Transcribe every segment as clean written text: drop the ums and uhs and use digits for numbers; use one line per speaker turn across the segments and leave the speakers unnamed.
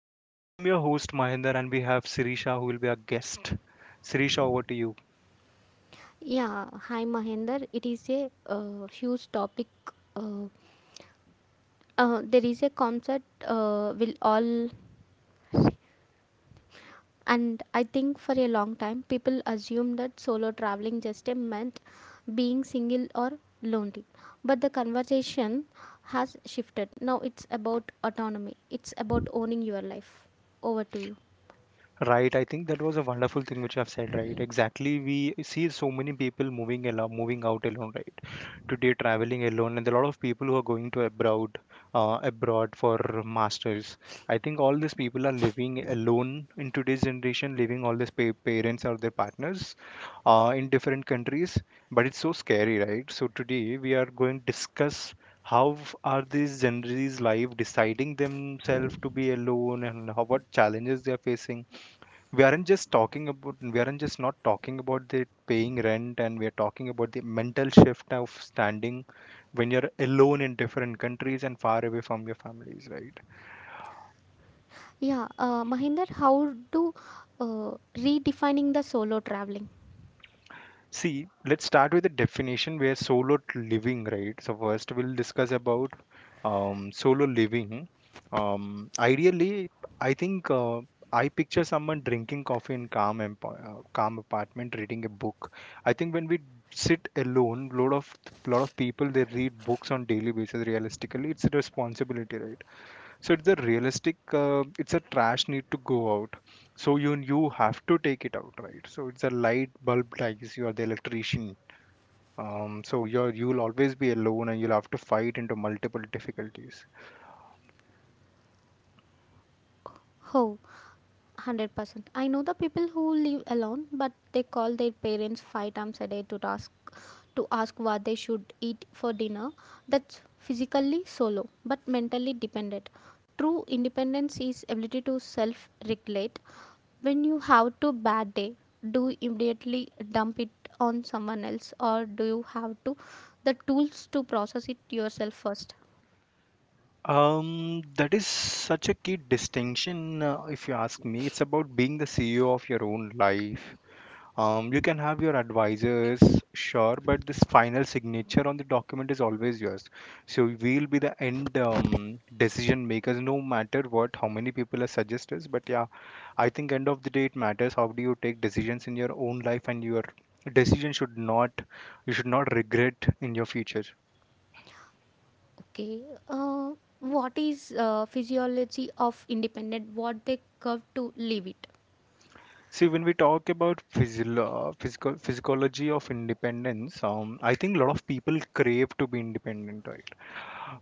I am your host Mahinder and we have Sirisha who will be our guest. Sirisha, over to you.
Yeah, hi Mahender. It is a huge topic. Uh, there is a concept, and I think for a long time people assume that solo traveling just a meant being single or lonely. But the conversation has shifted. Now it's about autonomy. It's about owning your life. Over to you.
Right, I think that was a wonderful thing which you have said, right? Exactly, we see so many people moving along, moving out alone, right? Today, traveling alone, and a lot of people who are going to abroad for masters. I think all these people are living alone in today's generation, leaving all these parents or their partners, in different countries. But it's so scary, right? So today we are going to discuss how are these genres life deciding themselves to be alone, and how what challenges they are facing. We aren't just not talking about the paying rent, and we are talking about the mental shift of standing when you're alone in different countries and far away from your families, right?
Yeah, Mahender, how do redefining the solo traveling?
See, let's start with the definition where solo living, right? So first we'll discuss about solo living. Ideally, I think I picture someone drinking coffee in calm, calm apartment, reading a book. I think when we sit alone, lot of people they read books on daily basis. Realistically, it's a responsibility, right? So it's a realistic, it's a trash need to go out. So you have to take it out, right? So it's a light bulb dies. You are the electrician. So you'll always be alone, and you'll have to fight into multiple difficulties.
How? 100%. I know the people who live alone, but they call their parents five times a day to ask what they should eat for dinner. That's physically solo, but mentally dependent. True independence is ability to self-regulate. When you have to bad day, do you immediately dump it on someone else, or do you have to the tools to process it yourself first?
That is such a key distinction, if you ask me. It's about being the CEO of your own life. You can have your advisors, sure, but this final signature on the document is always yours. So we'll be the end decision makers, no matter what, how many people are suggestors. But yeah, I think end of the day it matters. How do you take decisions in your own life, and your decision should not, you should not regret in your future.
Okay. Uh, what is physiology of independent? What they curve to live it?
See, when we talk about physio- physical physiology of independence, I think a lot of people crave to be independent, right?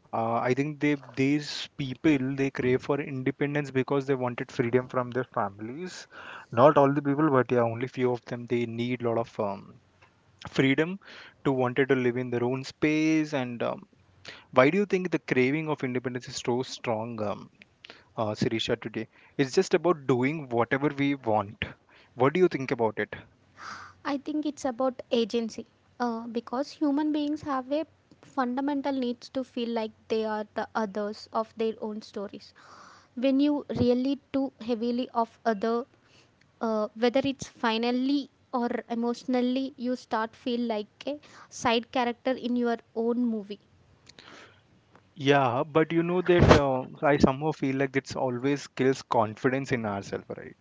I think they these people they crave for independence because they wanted freedom from their families. Not all the people, but yeah, only few of them they need lot of freedom to wanted to live in their own space. And why do you think the craving of independence is so strong, Sirisha? Today, it's just about doing whatever we want. What do you think about it?
I think it's about agency. Because human beings have a fundamental needs to feel like they are the others of their own stories. When you really too heavily of other, whether it's finally or emotionally, you start feel like a side character in your own movie.
Yeah, but you know that I somehow feel like it's always kills confidence in ourselves, right?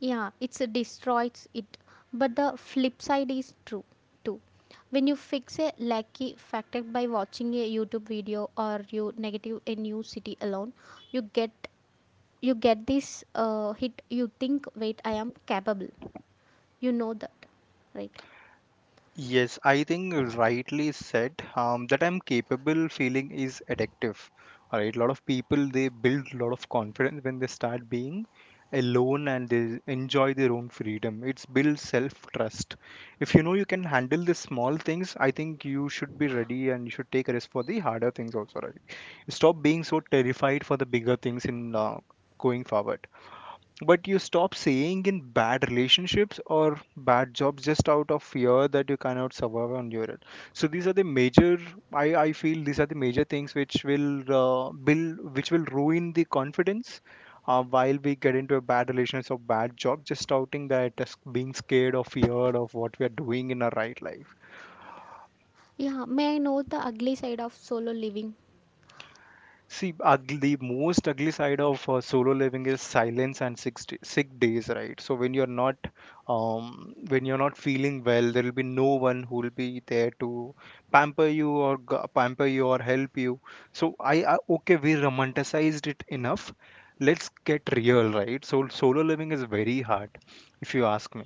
Yeah, it's a destroys it. But the flip side is true too. When you fix a lucky factor by watching a YouTube video or you negative a new city alone, you get you get this hit. You think, wait, I am capable. You know that, right?
Yes, I think rightly said that I'm capable feeling is addictive. All right, a lot of people they build a lot of confidence when they start being alone and they enjoy their own freedom. It's builds self trust. If you know you can handle the small things, I think you should be ready and you should take a risk for the harder things also, right? Stop being so terrified for the bigger things in going forward. But you stop saying in bad relationships or bad jobs just out of fear that you cannot survive on your own. So these are the major I feel these are the major things which will ruin the confidence, while we get into a bad relationship or bad job, just outing that as being scared or feared of what we are doing in our right life.
Yeah. May I know the ugly side of solo living?
See, ugly, the most ugly side of solo living is silence and sick, sick days, right? So when you're not feeling well, there will be no one who will be there to pamper you or pamper you or help you. So I okay, we romanticized it enough. Let's get real, right? So solo living is very hard, if you ask me,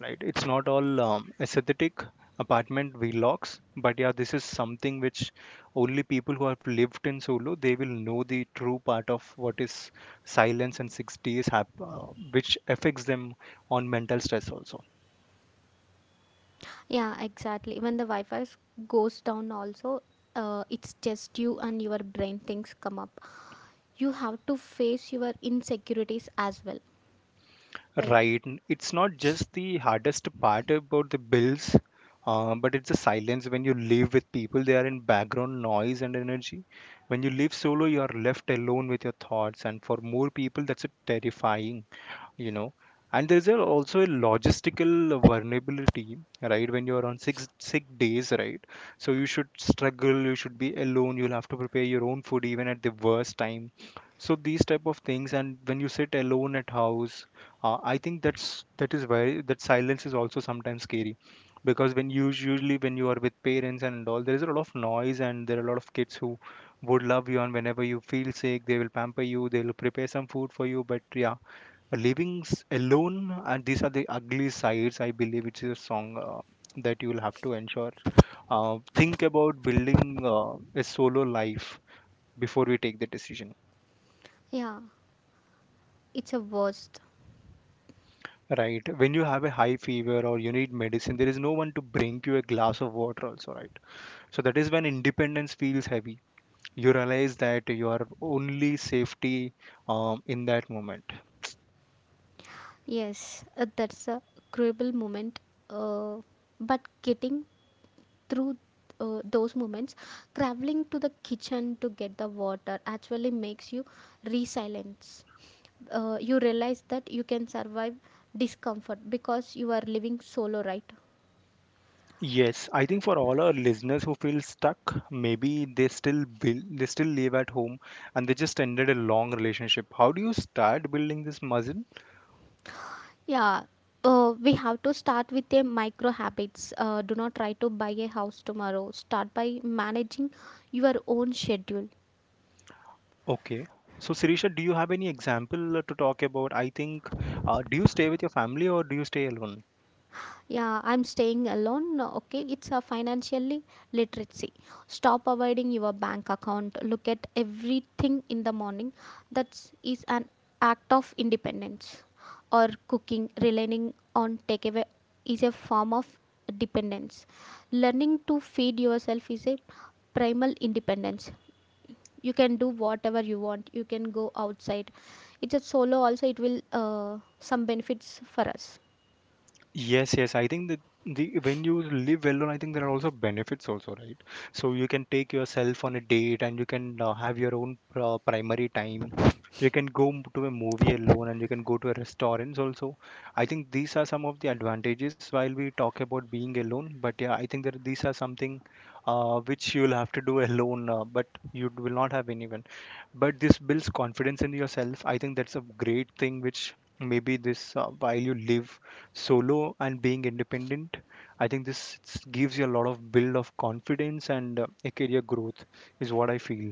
right? It's not all aesthetic apartment vlogs, but yeah, this is something which only people who have lived in solo they will know the true part of what is silence and 6ds which affects them on mental stress also,
Yeah, exactly. When the goes down, also, it's just you and your brain things come up. You have to face your insecurities as well, right?
right. It's not just the hardest part about the bills, but it's the silence. When you live with people they are in background noise and energy. When you live solo, you are left alone with your thoughts, and for more people that's a terrifying you know and there's also a logistical vulnerability, right? When you're on six sick days, right? So you should struggle, you should be alone, you'll have to prepare your own food even at the worst time. So these type of things. And when you sit alone at house, I think that silence is also sometimes scary, because when you usually when you are with parents and all, there is a lot of noise and there are a lot of kids who would love you, and whenever you feel sick they will pamper you, they'll prepare some food for you. But yeah, living alone, and these are the ugly sides. I believe it's a song that you will have to ensure. Think about building a solo life before we take the decision.
Yeah, it's a worst.
Right. When you have a high fever or you need medicine, there is no one to bring you a glass of water, also, right? So that is when independence feels heavy. You realize that your only safety in that moment.
Yes, that's a cruel moment. Uh, but getting through those moments traveling to the kitchen to get the water actually makes you resilience. Uh, you realize that you can survive discomfort because you are living solo, right?
Yes, I think for all our listeners who feel stuck, maybe they still live at home, and they just ended a long relationship. How do you start building this muscle?
Yeah, we have to start with the micro habits. Uh, do not try to buy a house tomorrow. Start by managing your own schedule.
Okay. So, Sirisha, do you have any example to talk about? I think, do you stay with your family or do you stay alone?
Yeah, I'm staying alone. Okay, it's a financially literacy. Stop avoiding your bank account. Look at everything in the morning. That is an act of independence. Or cooking, relying on takeaway is a form of dependence. Learning to feed yourself is a primal independence. You can do whatever you want. You can go outside. It's a solo also. It will some benefits for us.
Yes, yes. I think that the when you live well alone, I think there are also benefits also, right? So you can take yourself on a date and you can have your own primary time. You can go to a movie alone, and you can go to a restaurants also. I think these are some of the advantages while we talk about being alone. But yeah, I think that these are something which you'll have to do alone, but you will not have anyone. But this builds confidence in yourself. I think that's a great thing which maybe this while you live solo and being independent, I think this gives you a lot of build of confidence and a career growth is what I feel.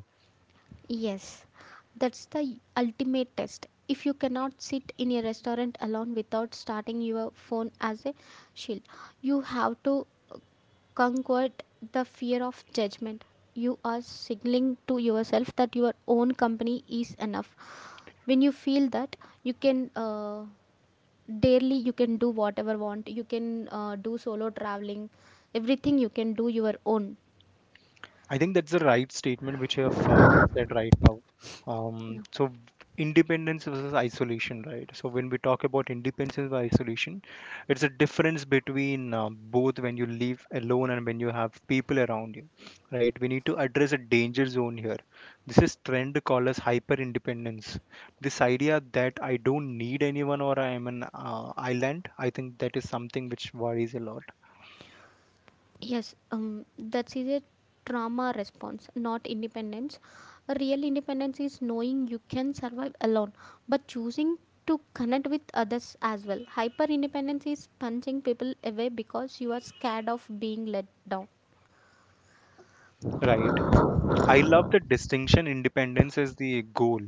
Yes, that's the ultimate test. If you cannot sit in a restaurant alone without starting your phone as a shield, you have to conquer the fear of judgment. You are signaling to yourself that your own company is enough. When you feel that, you can, daily you can do whatever want. You can do solo traveling, everything you can do your own.
I think that's the right statement which you have said right now. Um, so v- independence versus isolation, right? So when we talk about independence and isolation, it's a difference between both when you live alone and when you have people around you, right? We need to address a danger zone here. This is trend called as hyper independence. This idea that I don't need anyone, or I am an island, I think that is something which worries a lot,
Yes, that is a trauma response, not independence. A real independence is knowing you can survive alone, but choosing to connect with others as well. Hyper independence is punching people away because you are scared of being let down.
right. I love the distinction. Independence is the goal,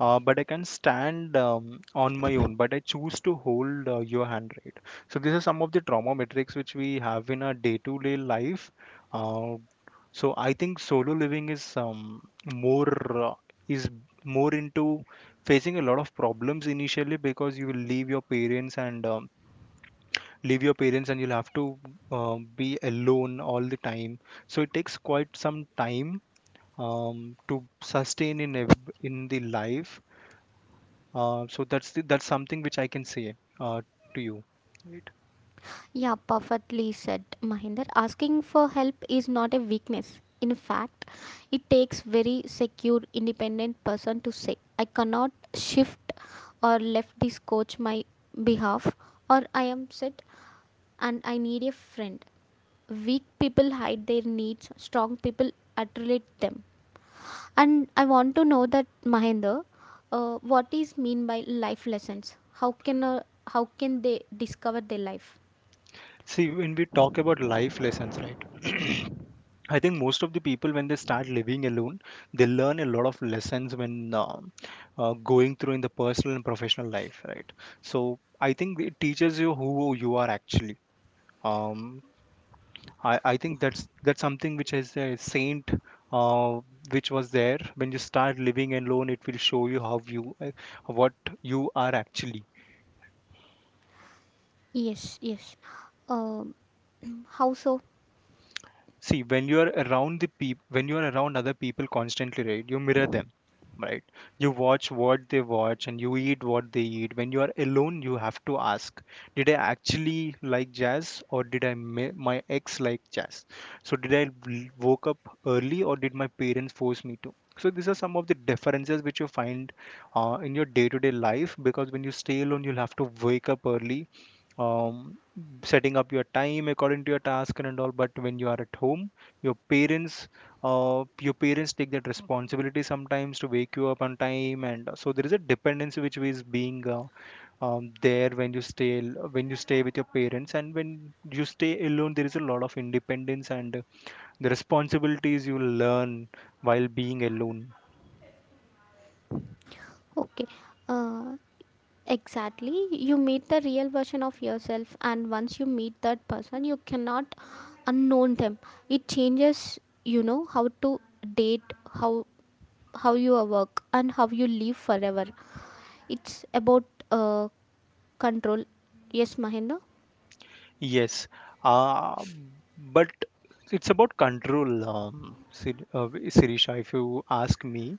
but I can stand on my own. But I choose to hold your hand, right? So these are some of the trauma metrics which we have in our day-to-day life. Uh, so I think solo living is more is more into facing a lot of problems initially, because you will leave your parents and you'll have to be alone all the time. So it takes quite some time to sustain in in the life. So that's something which I can say uh, to you. Right.
Yeah, perfectly said, Mahinder. Asking for help is not a weakness. In fact, it takes very secure, independent person to say, "I cannot shift or left this coach my behalf," or "I am sick and I need a friend." Weak people hide their needs. Strong people articulate them. And I want to know that Mahinder, what is mean by life lessons? How can, how can they discover their life?
See, when we talk about life lessons, right? I think most of the people when they start living alone, they learn a lot of lessons when going through in the personal and professional life, right? So I think it teaches you who you are actually. Um, I think that's something which is a saint uh, which was there when you start living alone. It will show you how you what you are actually.
Yes, yes. Um, how so?
See, when you are around the people, when you are around other people constantly, right? You mirror them, right? You watch what they watch, and you eat what they eat. When you are alone you have to ask, did I actually like jazz, or did my ex like jazz? So did woke up early, or did my parents force me to? So these are some of the differences which you find in your day-to-day life, because when you stay alone you'll have to wake up early, um, setting up your time according to your task and all. But when you are at home, your parents take that responsibility sometimes to wake you up on time. And so there is a dependency which is being there when you when you stay with your parents. And when you stay alone there is a lot of independence and the responsibilities you learn while being alone.
Okay. Uh, exactly. You meet the real version of yourself, and once you meet that person, you cannot unknown them. It changes, you know, how to date, how how you work, and how you live forever. It's about uh, control. Yes, Mahinda.
Yes. uh, but it's about control, Sirisha, if you ask me.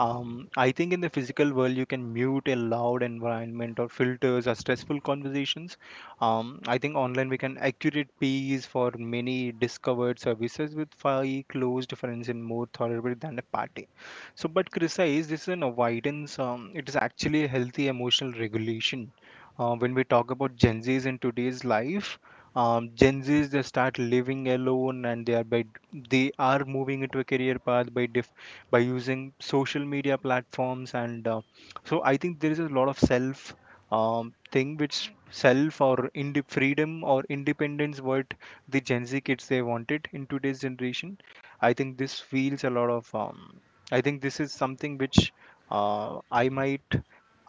I think in the physical world you can mute a loud environment or filters or stressful conversations. I think online we can accurate peace for many discovered services with five close difference in more tolerable than a party. So but criticize, this is an avoidance. It is actually a healthy emotional regulation. When we talk about Gen Z's in today's life, Gen Zs, they start living alone, and they are moving into a career path by using social media platforms and So I think there is a lot of self, thing which self or freedom or independence, what the Gen Z kids they wanted in today's generation. I think this feels a lot of. I think this is something which uh, I might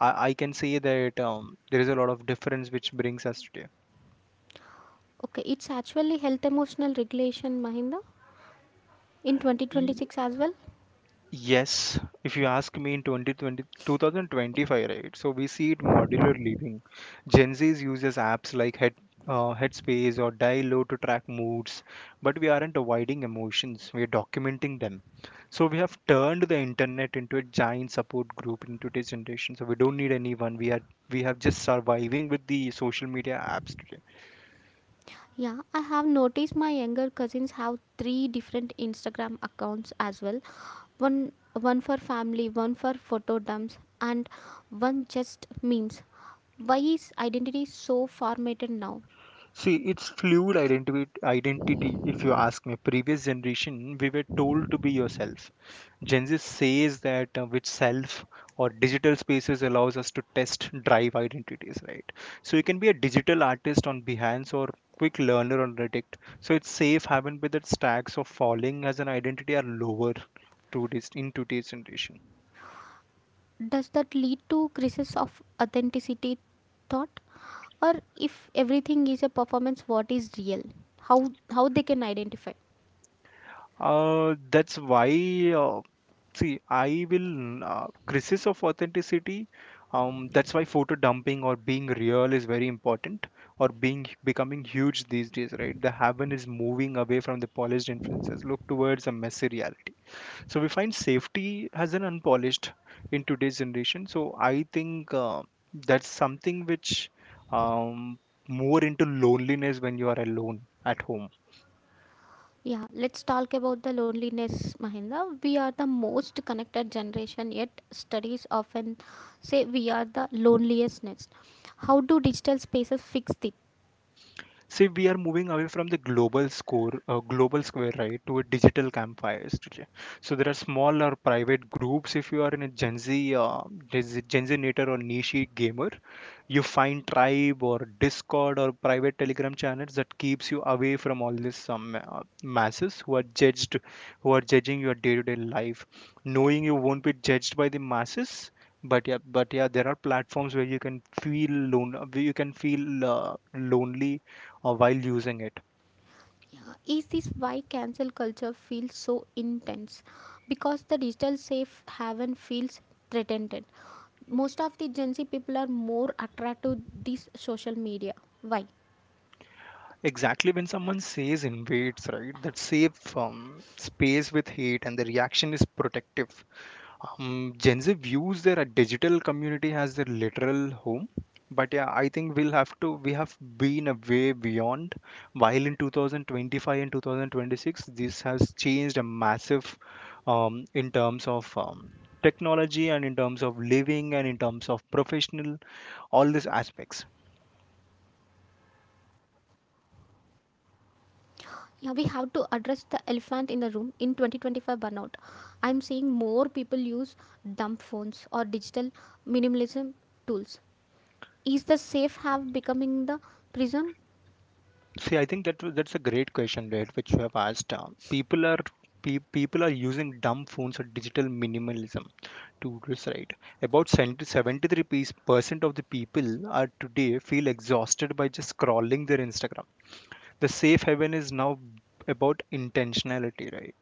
I can say that there is a lot of difference which brings us today.
Okay, it's actually health emotional regulation, Mahinda, in 2026 as well.
Yes, if you ask me in 2020 2025, right? So we see it modular living. Gen Zs uses apps like Headspace or Dialo to track moods, but we aren't avoiding emotions, we're documenting them. So we have turned the internet into a giant support group in today's generation. So we don't need anyone. We have just surviving with the social media apps today.
Yeah, I have noticed my younger cousins have three different Instagram accounts as well. One one for family, one for photo dumps, and one just memes. Why is identity so formatted now?
See, it's fluid identity. Identity, if you ask me, previous generation we were told to be yourself. Gen Z says that which self or digital spaces allows us to test drive identities, right? So you can be a digital artist on Behance or quick learner on Reddit. So it's safe having with that stacks of falling as an identity are lower to this in today's generation.
Does that lead to crisis of authenticity thought? Or if everything is a performance, what is real? How they can identify?
That's why uh, see, I will crisis of authenticity. That's why photo dumping or being real is very important, or being becoming huge these days, right? The haven is moving away from the polished influences, look towards a messy reality. So we find safety as an unpolished in today's generation. So I think that's something which um, more into loneliness when you are alone at home.
Yeah, let's talk about the loneliness, Mahinda. We are the most connected generation, yet studies often say we are the loneliest next. How do digital spaces fix it?
See, we are moving away from the global square, right, to a digital campfires today. So there are smaller private groups. If you are in a Gen Z nator or niche gamer, you find tribe or discord or private telegram channels that keeps you away from all these some masses who are judging your day-to-day life, knowing you won't be judged by the masses. But yeah, there are platforms where you can feel lone, where you can feel lonely, while using it.
Yeah, is this why cancel culture feels so intense? Because the digital safe haven feels threatened. Most of the Gen Z people are more attracted to this social media. Why?
Exactly, when someone says invades, right, that safe space with hate, and the reaction is protective. Gen Z views their digital community as their literal home, but yeah, I think we have been a way beyond. While in 2025 and 2026, this has changed a massive in terms of technology, and in terms of living, and in terms of professional, all these aspects.
Yeah, we have to address the elephant in the room in 2025 burnout. I'm seeing more people use dumb phones or digital minimalism tools. Is the safe have becoming the prison?
See, I think that's a great question, right? Which you have asked. People are people are using dumb phones or digital minimalism to this, right? About 73% of the people are today feel exhausted by just scrolling their Instagram. The safe haven is now about intentionality, right?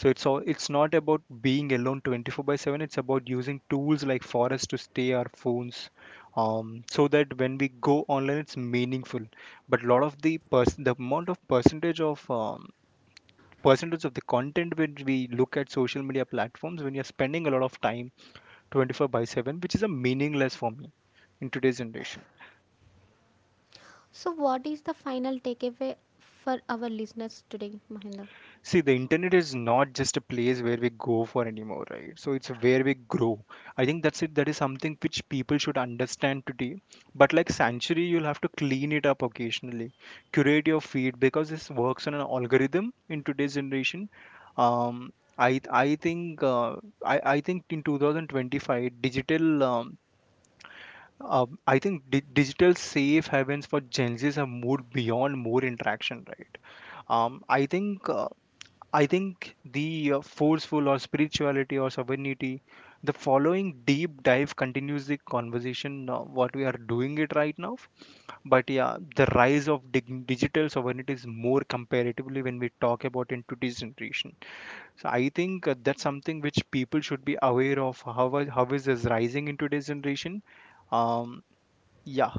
So it's not about being alone 24 by 7. It's about using tools like forest to stay our phones, so that when we go online it's meaningful. But a lot of the person, the amount of percentage of percentage of the content which we look at social media platforms when you're spending a lot of time 24 by 7, which is a meaningless for me in today's generation.
So, what is the final takeaway for our listeners today, Mahinda?
See, the internet is not just a place where we go for anymore, right? So it's where we grow. I think that's it. That is something which people should understand today. But like Sanctuary, you'll have to clean it up occasionally, curate your feed because this works on an algorithm in today's generation. Um, I think I think in 2025, digital, I think digital safe havens for Gen Zs have moved beyond more interaction, right? I think. I think the forceful or spirituality or sovereignty, the following deep dive continues the conversation, what we are doing it right now. But yeah, the rise of digital sovereignty is more comparatively when we talk about in today's generation. So I think that's something which people should be aware of. How is this rising in today's generation? Um, yeah.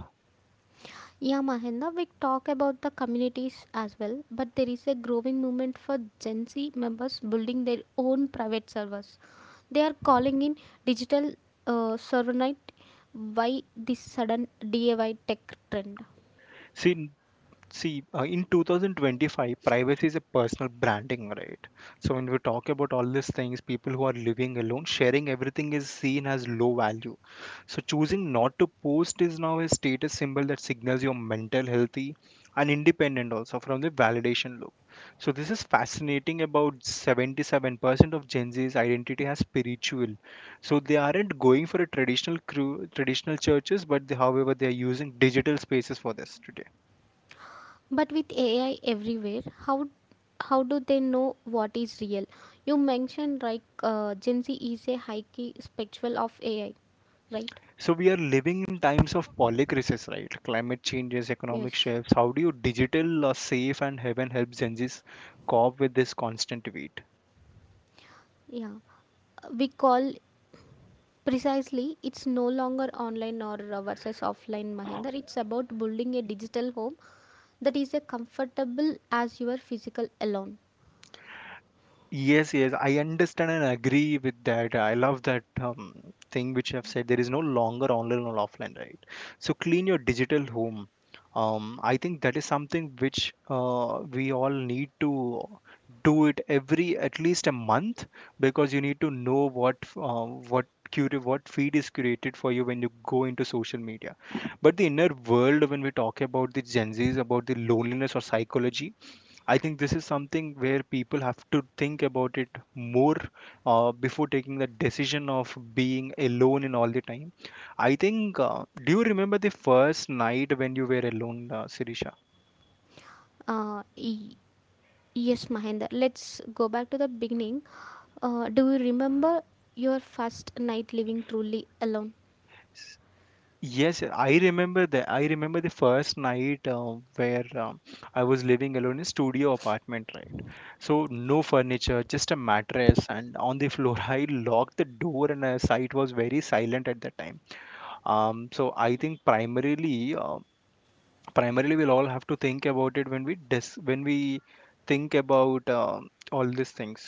Yeah, Mahinda, we talk about the communities as well, but there is a growing movement for Gen Z members building their own private servers. They are calling in digital, server night. Why this sudden DIY tech trend?
See, in 2025, privacy is a personal branding, right? So when we talk about all these things, people who are living alone, sharing everything is seen as low value. So choosing not to post is now a status symbol that signals you're mental healthy and independent also from the validation loop. So this is fascinating, about 77% of Gen Z's identity as spiritual. So they aren't going for a traditional crew, traditional churches, but they, however, they are using digital spaces for this today.
But with AI everywhere, how do they know what is real? You mentioned like Gen Z is a high key spectral of AI, right?
So we are living in times of polycrisis, right? Climate changes,
Yes.
economic shifts. How do you digital safe and heaven help Gen Z's cope with this constant weight?
Yeah, we call precisely, it's no longer online or versus offline, Mahender. It's about building a digital home that is as comfortable as your physical alone.
Yes, yes, I understand and agree with that. I love that thing which you have said. There is no longer online or offline, right? So clean your digital home. I think that is something which we all need to do it every at least a month, because you need to know what what feed is curated for you when you go into social media. But the inner world, when we talk about the Gen Zs, about the loneliness or psychology, I think this is something where people have to think about it more, before taking the decision of being alone in all the time. I think, do you remember the first night when you were alone, Sirisha?
Uh, y- yes, Mahender. Let's go back to the beginning. Do you remember your first night living truly alone?
S- Yes, I remember the. I remember the first night where I was living alone in a studio apartment, right? So no furniture, just a mattress, and on the floor, I locked the door, and site was very silent at that time. So I think primarily, we'll all have to think about it when we when we think about all these things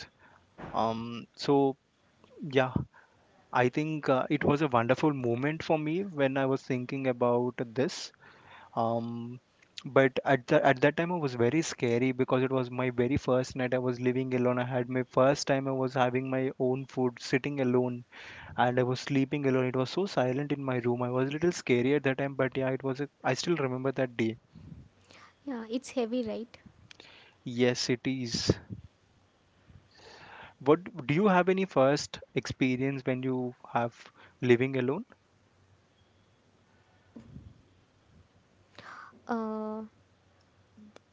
um so yeah, I think it was a wonderful moment for me when I was thinking about this um but at that time I was very scary, because it was my very first night. I was living alone. I had my first time I was having my own food sitting alone, and I was sleeping alone. It was so silent in my room. I was a little scary at that time, but yeah, I still remember that day.
Yeah, it's heavy, right?
Yes, it is. What do you have any first experience when you have living alone?
Uh,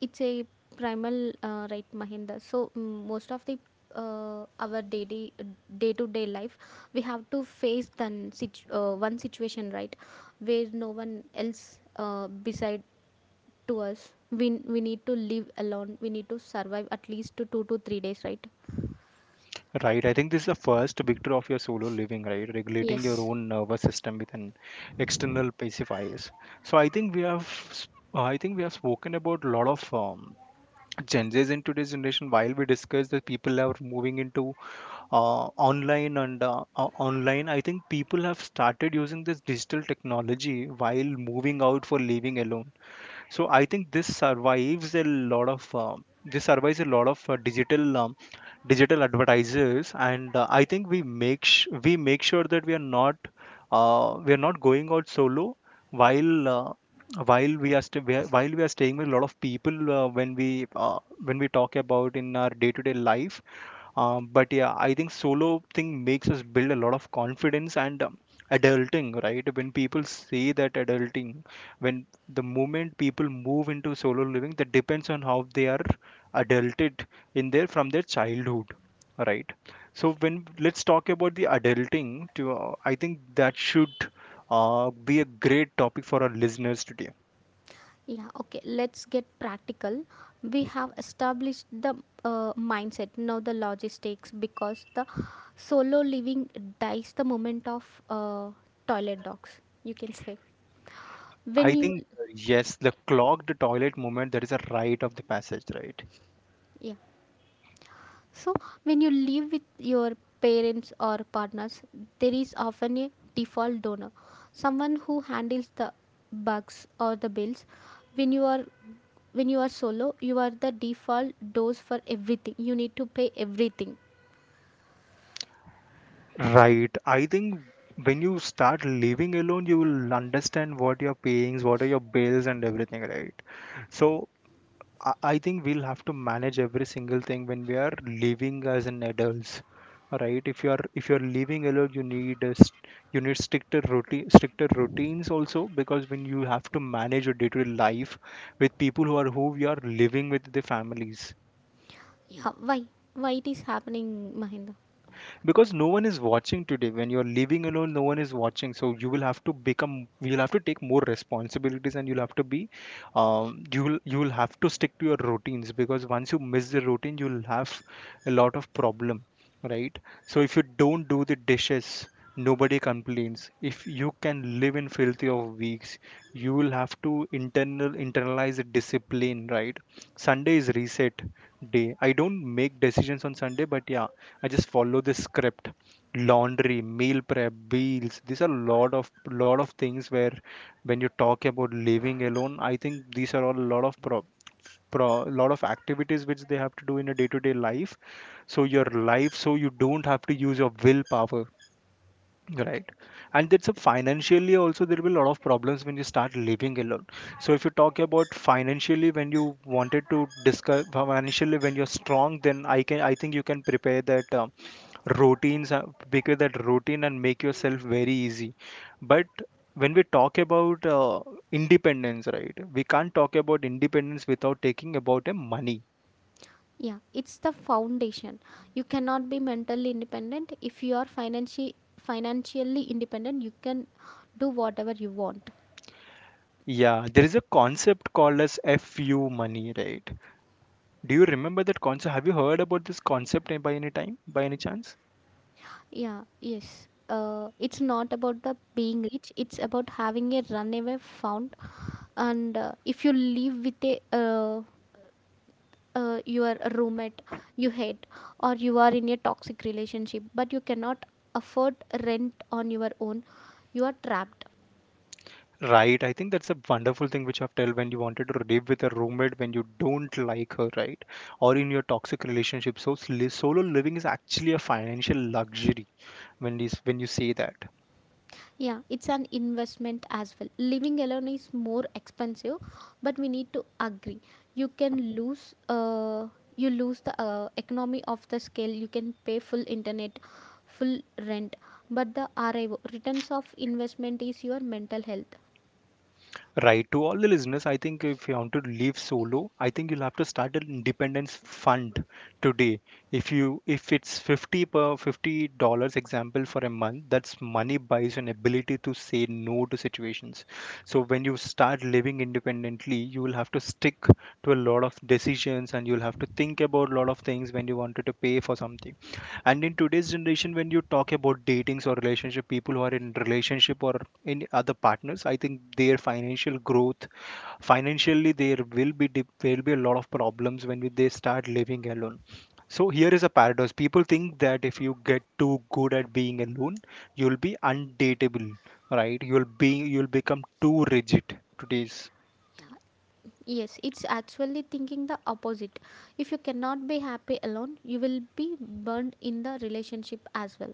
it's a primal, right, Mahinda. So mm, most of the our daily day to day life, we have to face then one situation, right, where no one else beside to us. We need to live alone. We need to survive at least to 2 to 3 days, right?
Right, I think this is the first victory of your solo living, right? Regulating your
Yes.
own nervous system with an external pacifiers. So I think I think we have spoken about a lot of changes in today's generation. While we discuss that people are moving into online and online, I think people have started using this digital technology while moving out for living alone. So I think this survives a lot of this survives a lot of digital digital advertisers. And I think we we make sure that we are not going out solo while uh, while we are while we are staying with a lot of people uh, when we talk about in our day to day life. Um, but yeah, I think solo thing makes us build a lot of confidence and adulting, right? When people say that adulting, when the moment people move into solo living, that depends on how they are adulted in their from their childhood, right? So when let's talk about the adulting, to I think that should be a great topic for our listeners today.
Yeah, okay, let's get practical. We have established the mindset, now the logistics, because the solo living dies the moment of toilet dogs, you can say. When
I
you,
think yes, the clogged toilet moment, that is a rite of the passage, right?
yeah, so when you live with your parents or partners, there is often a default donor, someone who handles the bugs or the bills. When you are when you are solo, you are the default dose for everything. You need to pay everything.
Right. I think when you start living alone, you will understand what you're paying, what are your bills and everything, right? So I think we'll have to manage every single thing when we are living as an adults, right? If you are if you're living alone, you need a, you need stricter routine, stricter routines also, because when you have to manage your day-to-day life with people who are who you are living with the families.
Yeah, why? Why it is happening, Mahinda?
Because no one is watching today. When you're living alone, no one is watching, so you will have to become, you'll have to take more responsibilities, and you'll have to be you'll have to stick to your routines, because once you miss the routine, you'll have a lot of problem, right? So if you don't do the dishes, nobody complains. If you can live in filthy of weeks, you will have to internalize the discipline, right? Sunday is reset day. I don't make decisions on Sunday, but yeah, I just follow this script. Laundry, meal prep, bills. These are lot of things where when you talk about living alone, I think these are all a lot of pro lot of activities which they have to do in a day-to-day life. So your life, so you don't have to use your willpower. Right. And that's a, financially also there will be a lot of problems when you start living alone. So if you talk about financially, when you wanted to discuss financially, when you're strong, then I think you can prepare that routines, prepare that routine and make yourself very easy. But when we talk about independence, right? We can't talk about independence without taking about a money.
Yeah, it's the foundation. You cannot be mentally independent if you are financially independent. You can do whatever you want.
Yeah, there is a concept called as FU money, right? Do you remember that concept? Have you heard about this concept by any time, by any chance?
Yeah, yes. It's not about the being rich. It's about having a runaway fund. And if you live with a your roommate you hate, or you are in a toxic relationship, but you cannot afford rent on your own, you are trapped.
Right. I think that's a wonderful thing which I've told, when you wanted to live with a roommate when you don't like her, right? Or in your toxic relationship. So solo living is actually a financial luxury when is when you say that.
Yeah, it's an investment as well. Living alone is more expensive, but we need to agree. You can lose, you lose the economy of the scale. You can pay full internet, full rent, but the RIO returns of investment is your mental health.
Right. To all the listeners, I think if you want to live solo, I think you'll have to start an independence fund today. If you if it's $50 example for a month, that's money buys an ability to say no to situations. So when you start living independently, you will have to stick to a lot of decisions, and you'll have to think about a lot of things when you wanted to pay for something. And in today's generation, when you talk about datings or relationship, people who are in relationship or any other partners, I think their financial growth, financially there will be there will be a lot of problems when they start living alone. So here is a paradox: people think that if you get too good at being alone, you'll be undateable, right? You'll be you'll become too rigid today's.
Yes, it's actually thinking the opposite. If you cannot be happy alone, you will be burned in the relationship as well.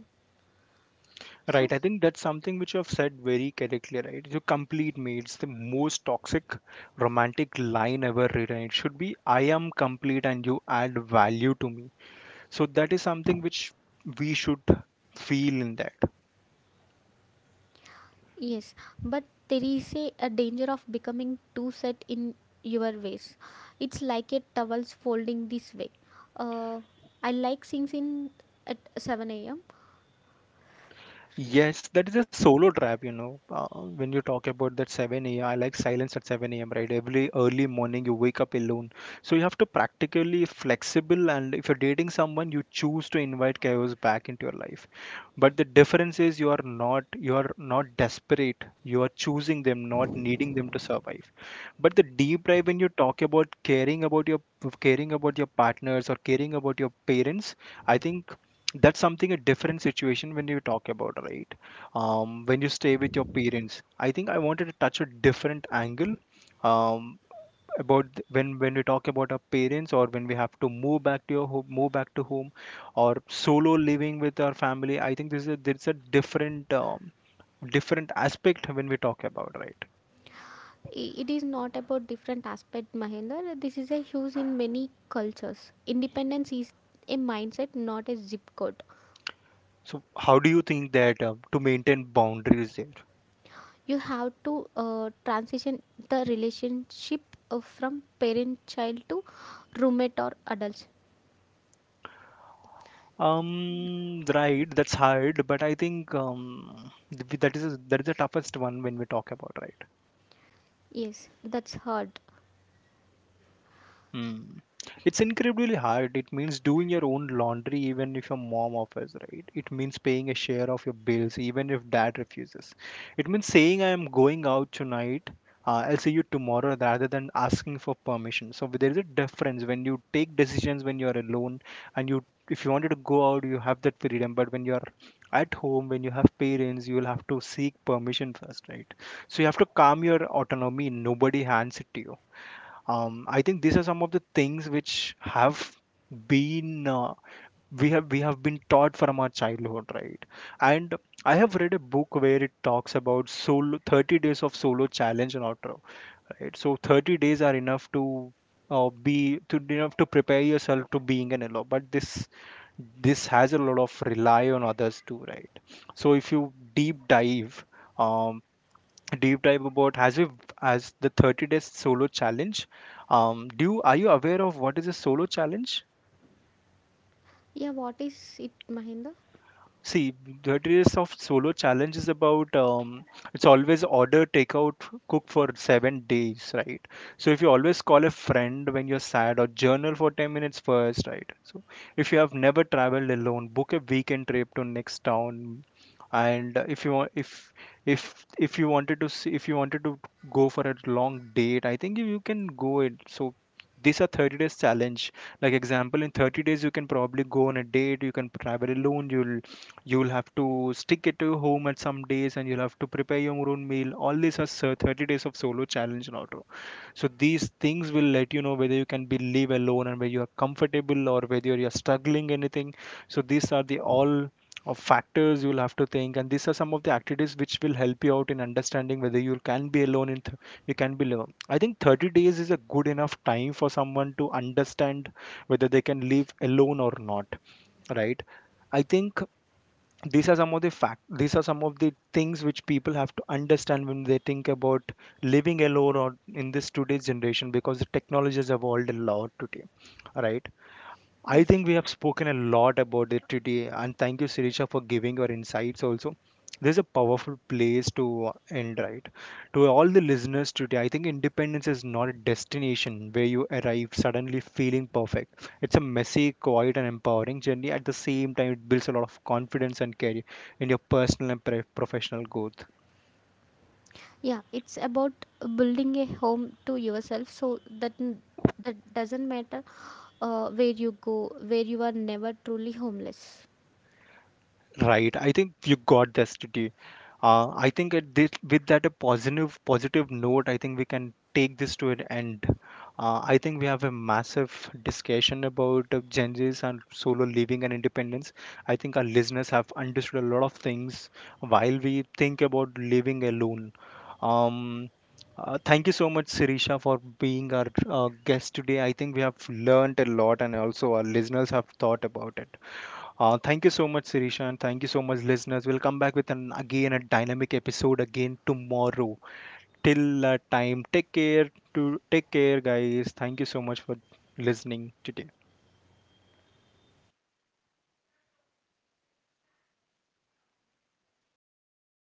Right,
So
I think that's something which you have said very correctly, right? You complete me. It's the most toxic romantic line ever written. It should be, I am complete and you add value to me. So that is something which we should feel in that.
yes, but there is a danger of becoming too set in your ways. It's like a towels folding this way. Uh, I like things in at 7 a.m.
Yes, that is a solo trap, you know. When you talk about that 7 a.m., like silence at 7 a.m., right? Every early morning you wake up alone. So you have to practically flexible, and if you're dating someone, you choose to invite chaos back into your life, but the difference is you are not, you are not desperate. You are choosing them, not needing them to survive. But the deep dive, when you talk about caring about your partners or caring about your parents, I think that's something a different situation when you talk about, right? When you stay with your parents, I think I wanted to touch a different angle, um, about when we talk about our parents or when we have to move back to your home, move back to home or solo living with our family, I think this is a, there's a different different aspect when we talk about, right?
It is not about different aspect, Mahendra. This is a huge in many cultures. Independence is a mindset, not a zip code.
So how do you think that to maintain boundaries there?
You have to transition the relationship from parent-child to roommate or adults.
um right, that's hard. But I think that is, that is the toughest one when we talk about, right?
Yes, that's hard.
Mm. It's incredibly hard. It means doing your own laundry even if your mom offers, right? It means paying a share of your bills even if dad refuses. It means saying I am going out tonight. I'll see you tomorrow rather than asking for permission. So there is a difference when you take decisions when you are alone, and you if you wanted to go out you have that freedom, but when you are at home, when you have parents, you will have to seek permission first, right? So you have to calm your autonomy, nobody hands it to you. Um, I think these are some of the things which have been we have been taught from our childhood, right? And I have read a book where it talks about solo 30 days of solo challenge and outro, right? So 30 days are enough to be to enough to prepare yourself to being an LO, but this has a lot of rely on others too, right? So if you um, deep dive about as we as the 30 days solo challenge. Do you are you aware of what is a solo challenge?
Yeah, what is it, Mahinda?
See, the days of solo challenge is about it's always order takeout, cook for 7 days, right? So if you always call a friend when you're sad, or journal for 10 minutes first, right? So if you have never traveled alone, book a weekend trip to next town. And if you want, if you wanted to see, if you wanted to go for a long date, I think you, you can go it. So these are 30 days challenge, like example in 30 days you can probably go on a date, you can travel alone, you'll have to stick it to your home at some days, and you'll have to prepare your own meal. All these are 30 days of solo challenge in auto. So these things will let you know whether you can be live alone and whether you are comfortable or whether you are struggling anything. So these are the all of factors you'll have to think, and these are some of the activities which will help you out in understanding whether you can be alone in you can be alone. I think 30 days is a good enough time for someone to understand whether they can live alone or not, right? I think these are some of the fact these are some of the things which people have to understand when they think about living alone or in this today's generation, because the technology has evolved a lot today, right? I
Yes.
think we have spoken a lot about it today, and thank you, Sirisha, for giving your insights also. This is a powerful place to end, right? To all the listeners today, I think independence is not a destination where you arrive suddenly feeling perfect. It's a messy, quiet, and empowering journey. At the same time, it builds a lot of confidence and career in your personal and professional growth.
Yeah, it's about building a home to yourself so that that doesn't matter where you go, where you are never truly homeless.
Right. I think you got this today. I think at this, with that a positive note, I think we can take this to an end. I think we have a massive discussion about Gen Zs and solo living and independence. I think our listeners have understood a lot of things while we think about living alone. Um, thank you so much, Sirisha, for being our guest today. I think we have learned a lot, and also our listeners have thought about it. Thank you so much, Sirisha, and thank you so much, listeners. We'll come back with an again a dynamic episode again tomorrow. Till that time, take care. To take care, guys. Thank you so much for listening today.